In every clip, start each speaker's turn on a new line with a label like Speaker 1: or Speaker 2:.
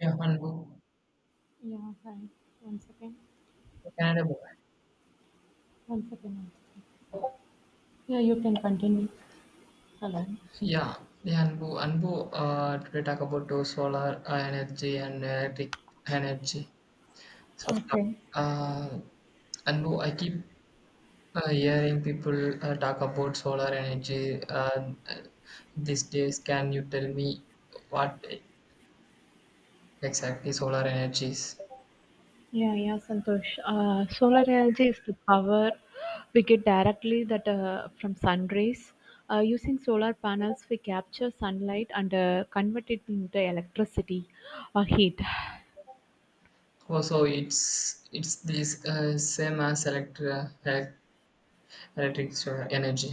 Speaker 1: Yeah, Anbu.
Speaker 2: Yeah, hi. One second.
Speaker 1: The Canada book.
Speaker 2: One second. One second. Yeah, you can continue. Hello.
Speaker 1: Yeah, yeah, Anbu. Today talk about solar energy and electric energy. So,
Speaker 2: Okay.
Speaker 1: uh, Anbu, I keep hearing people talk about solar energy these days. Can you tell me what exactly solar energy is?
Speaker 2: Yeah, yeah, Santosh. Solar energy is the power we get directly that from sun rays. Using solar panels, we capture sunlight and convert it into electricity or heat.
Speaker 1: Also, it's this same as electric solar energy.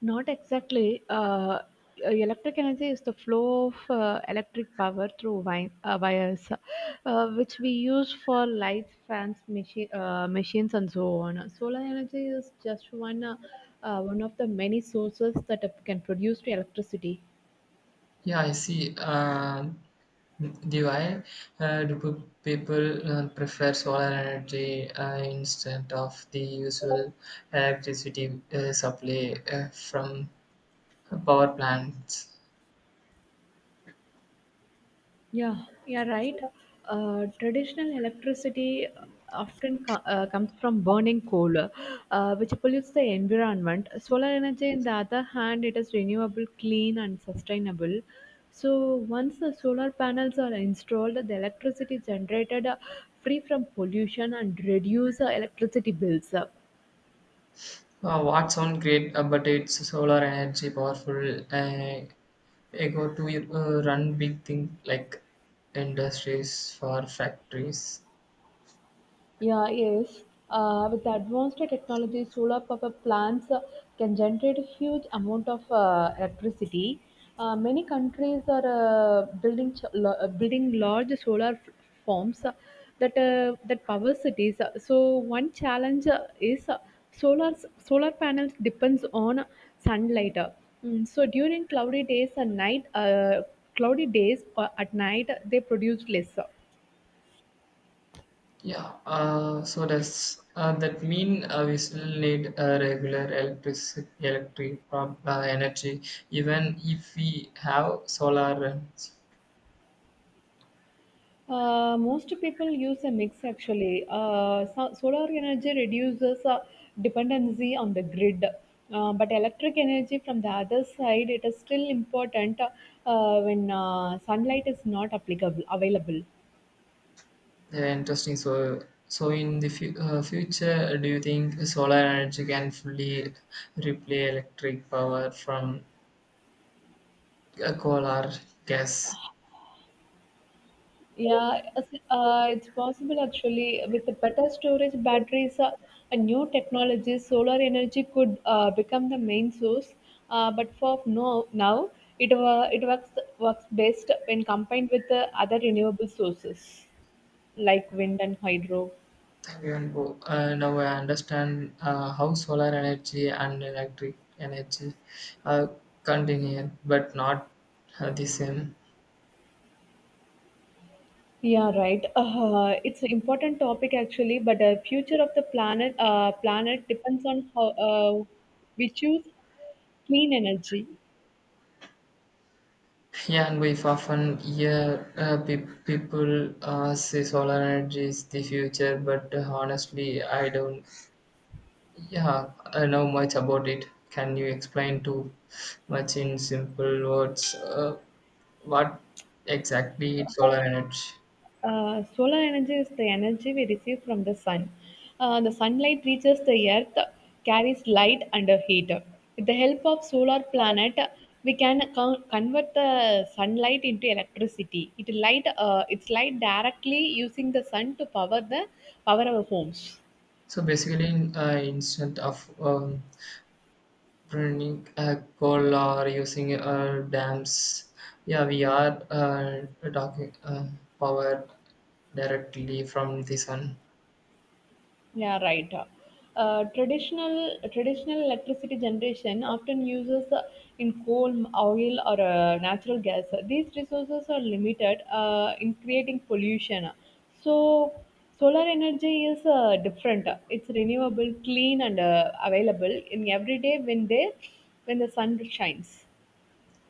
Speaker 2: Not exactly. Electric energy is the flow of electric power through wires, which we use for lights, fans, machines, and so on. Solar energy is just one of the many sources that can produce electricity.
Speaker 1: Yeah, I see. Do I? Do people prefer solar energy instead of the usual electricity supply from power plants?
Speaker 2: Yeah, yeah, right. Traditional electricity often comes from burning coal, which pollutes the environment. Solar energy, on the other hand, it is renewable, clean, and sustainable. So once the solar panels are installed, the electricity generated free from pollution and reduce electricity bills.
Speaker 1: What sound great, but it's solar energy powerful. Go to run big things like industries for factories.
Speaker 2: Yeah, yes. With the advanced technology, solar power plants can generate a huge amount of electricity. Many countries are building building large solar farms that that power cities. So one challenge is solar solar panels depends on sunlight. So during cloudy days and cloudy days or at night, they produce less.
Speaker 1: Yeah, so does that mean we still need regular electric energy even if we have solar? And,
Speaker 2: Most people use a mix actually. So solar energy reduces dependency on the grid, but electric energy from the other side it is still important when sunlight is not applicable available.
Speaker 1: yeah, interesting. So in the future, do you think solar energy can fully replace electric power from coal or gas?
Speaker 2: Yeah, it's possible actually. With the better storage batteries and new technologies, solar energy could become the main source. But for no, now, it, uh, it works, works best when combined with the other renewable sources like wind and hydro.
Speaker 1: Now I understand how solar energy and electric energy are convenient but not the same.
Speaker 2: Yeah, right. It's an important topic actually, but the future of the planet depends on how we choose clean energy.
Speaker 1: Yeah, and we often hear people say solar energy is the future, but honestly, I don't. Yeah, I know much about it. Can you explain too much in simple words, what exactly is solar energy?
Speaker 2: Solar energy is the energy we receive from the sun. The sunlight reaches the earth, carries light and a heat. With the help of solar planet, we can convert the sunlight into electricity. It's light directly using the sun to power the power our homes.
Speaker 1: So basically, instead of burning a coal or using dams. Yeah, we are talking power directly from the sun.
Speaker 2: Yeah, right. Traditional electricity generation often uses in coal, oil, or natural gas. These resources are limited in creating pollution. So, solar energy is different. It's renewable, clean, and available in every day when the sun shines.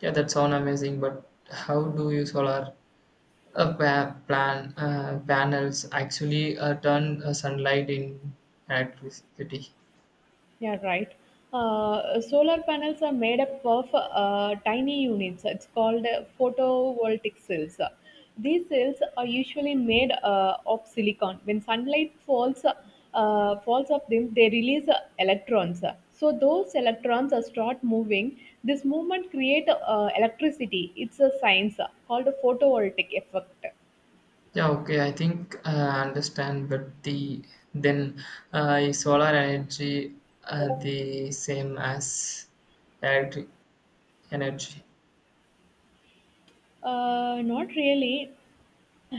Speaker 1: Yeah, that sound amazing, but how do you solar, pa- plan panels actually turn sunlight in electricity?
Speaker 2: Yeah, right. Solar panels are made up of tiny units. It's called photovoltaic cells. These cells are usually made of silicon. When sunlight falls of them, they release electrons. So those electrons start moving. This movement create electricity. It's a science called photovoltaic effect.
Speaker 1: Yeah, okay, I think I understand, but the then, is solar energy the same as electric energy?
Speaker 2: Not really.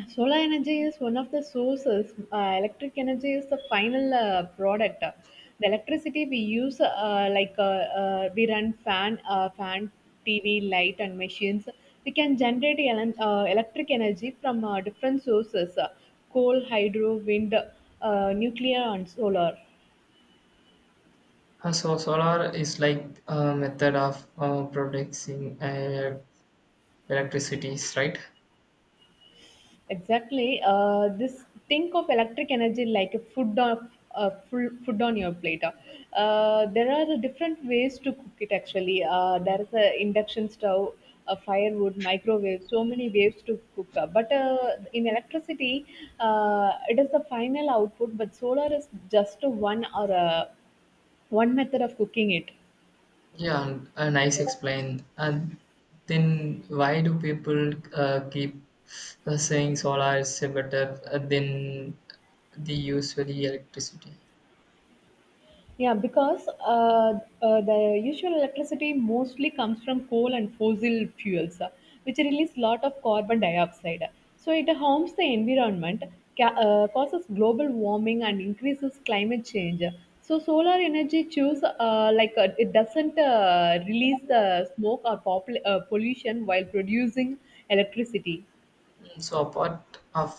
Speaker 2: Solar energy is one of the sources. Electric energy is the final product. The electricity we use, we run fan, TV, light, and machines. We can generate electric energy from different sources: coal, hydro, wind, nuclear, and solar.
Speaker 1: So solar is like a method of producing electricity, right?
Speaker 2: Exactly. This think of electric energy like a food on your plate. There are different ways to cook it. Actually, there is a induction stove, a firewood, microwave. So many ways to cook. But in electricity, it is the final output. But solar is just one method of cooking it.
Speaker 1: Yeah, and, nice explain. And then why do people keep saying solar is better than the usually electricity?
Speaker 2: Yeah, because the usual electricity mostly comes from coal and fossil fuels, which release lot of carbon dioxide. So it harms the environment, causes global warming, and increases climate change. So solar energy choose it doesn't release the smoke or pollution while producing electricity.
Speaker 1: Mm, so apart of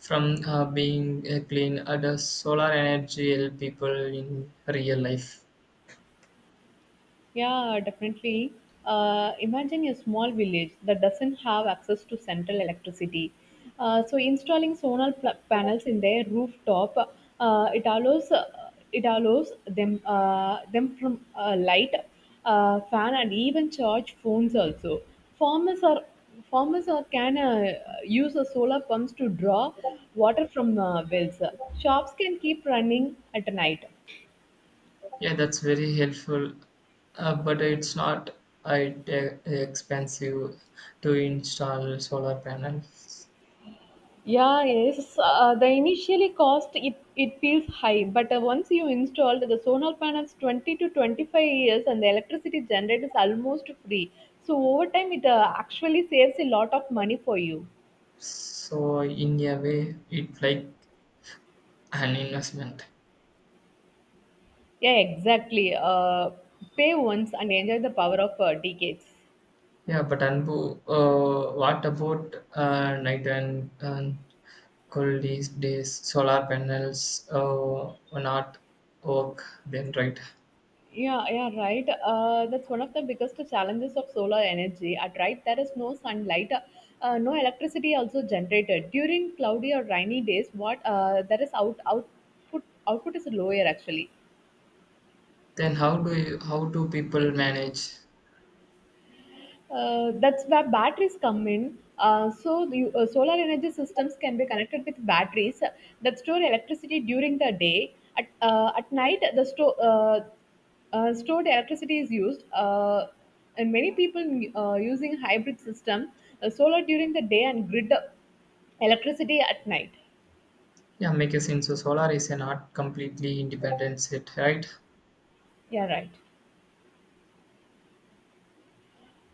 Speaker 1: from being clean, does solar energy help people in real life?
Speaker 2: Yeah, definitely. Imagine a small village that doesn't have access to central electricity. So installing solar panels in their rooftop, it allows them them from light, fan, and even charge phones also. Farmers are Farmers are can use solar pumps to draw water from wells. Shops can keep running at night.
Speaker 1: Yeah, that's very helpful, but it's not it, expensive to install solar panels.
Speaker 2: Yeah, yes. The initially cost it feels high, but once you installed the solar panels 20 to 25 years and the electricity generated is almost free. So over time it actually saves a lot of money for you.
Speaker 1: So in a way, it's like an investment.
Speaker 2: Yeah, exactly. Pay once and enjoy the power of decades.
Speaker 1: Yeah, but Anbu, what about night and cold these days? Solar panels will not work then, right?
Speaker 2: Yeah, yeah, right. That's one of the biggest challenges of solar energy. At right, there is no sunlight, no electricity also generated during cloudy or rainy days. What there is output is lower actually.
Speaker 1: Then how do people manage?
Speaker 2: That's where batteries come in. So the solar energy systems can be connected with batteries that store electricity during the day. At night, the stored electricity is used. And many people using hybrid system, solar during the day and grid electricity at night.
Speaker 1: Yeah, make a sense. So solar is an art completely independent set, right?
Speaker 2: Yeah, right.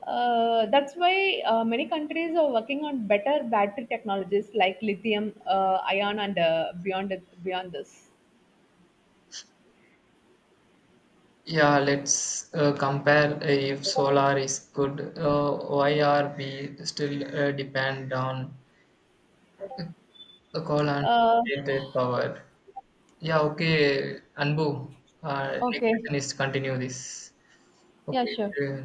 Speaker 2: That's why many countries are working on better battery technologies like lithium, ion, and beyond this.
Speaker 1: Yeah, let's compare, if solar is good, why are we still depend on the coal and
Speaker 2: Uh,
Speaker 1: generated power? Yeah, okay, Anbu, next
Speaker 2: okay.
Speaker 1: session is continue this.
Speaker 2: Yeah,
Speaker 1: Okay,
Speaker 2: sure.
Speaker 1: uh,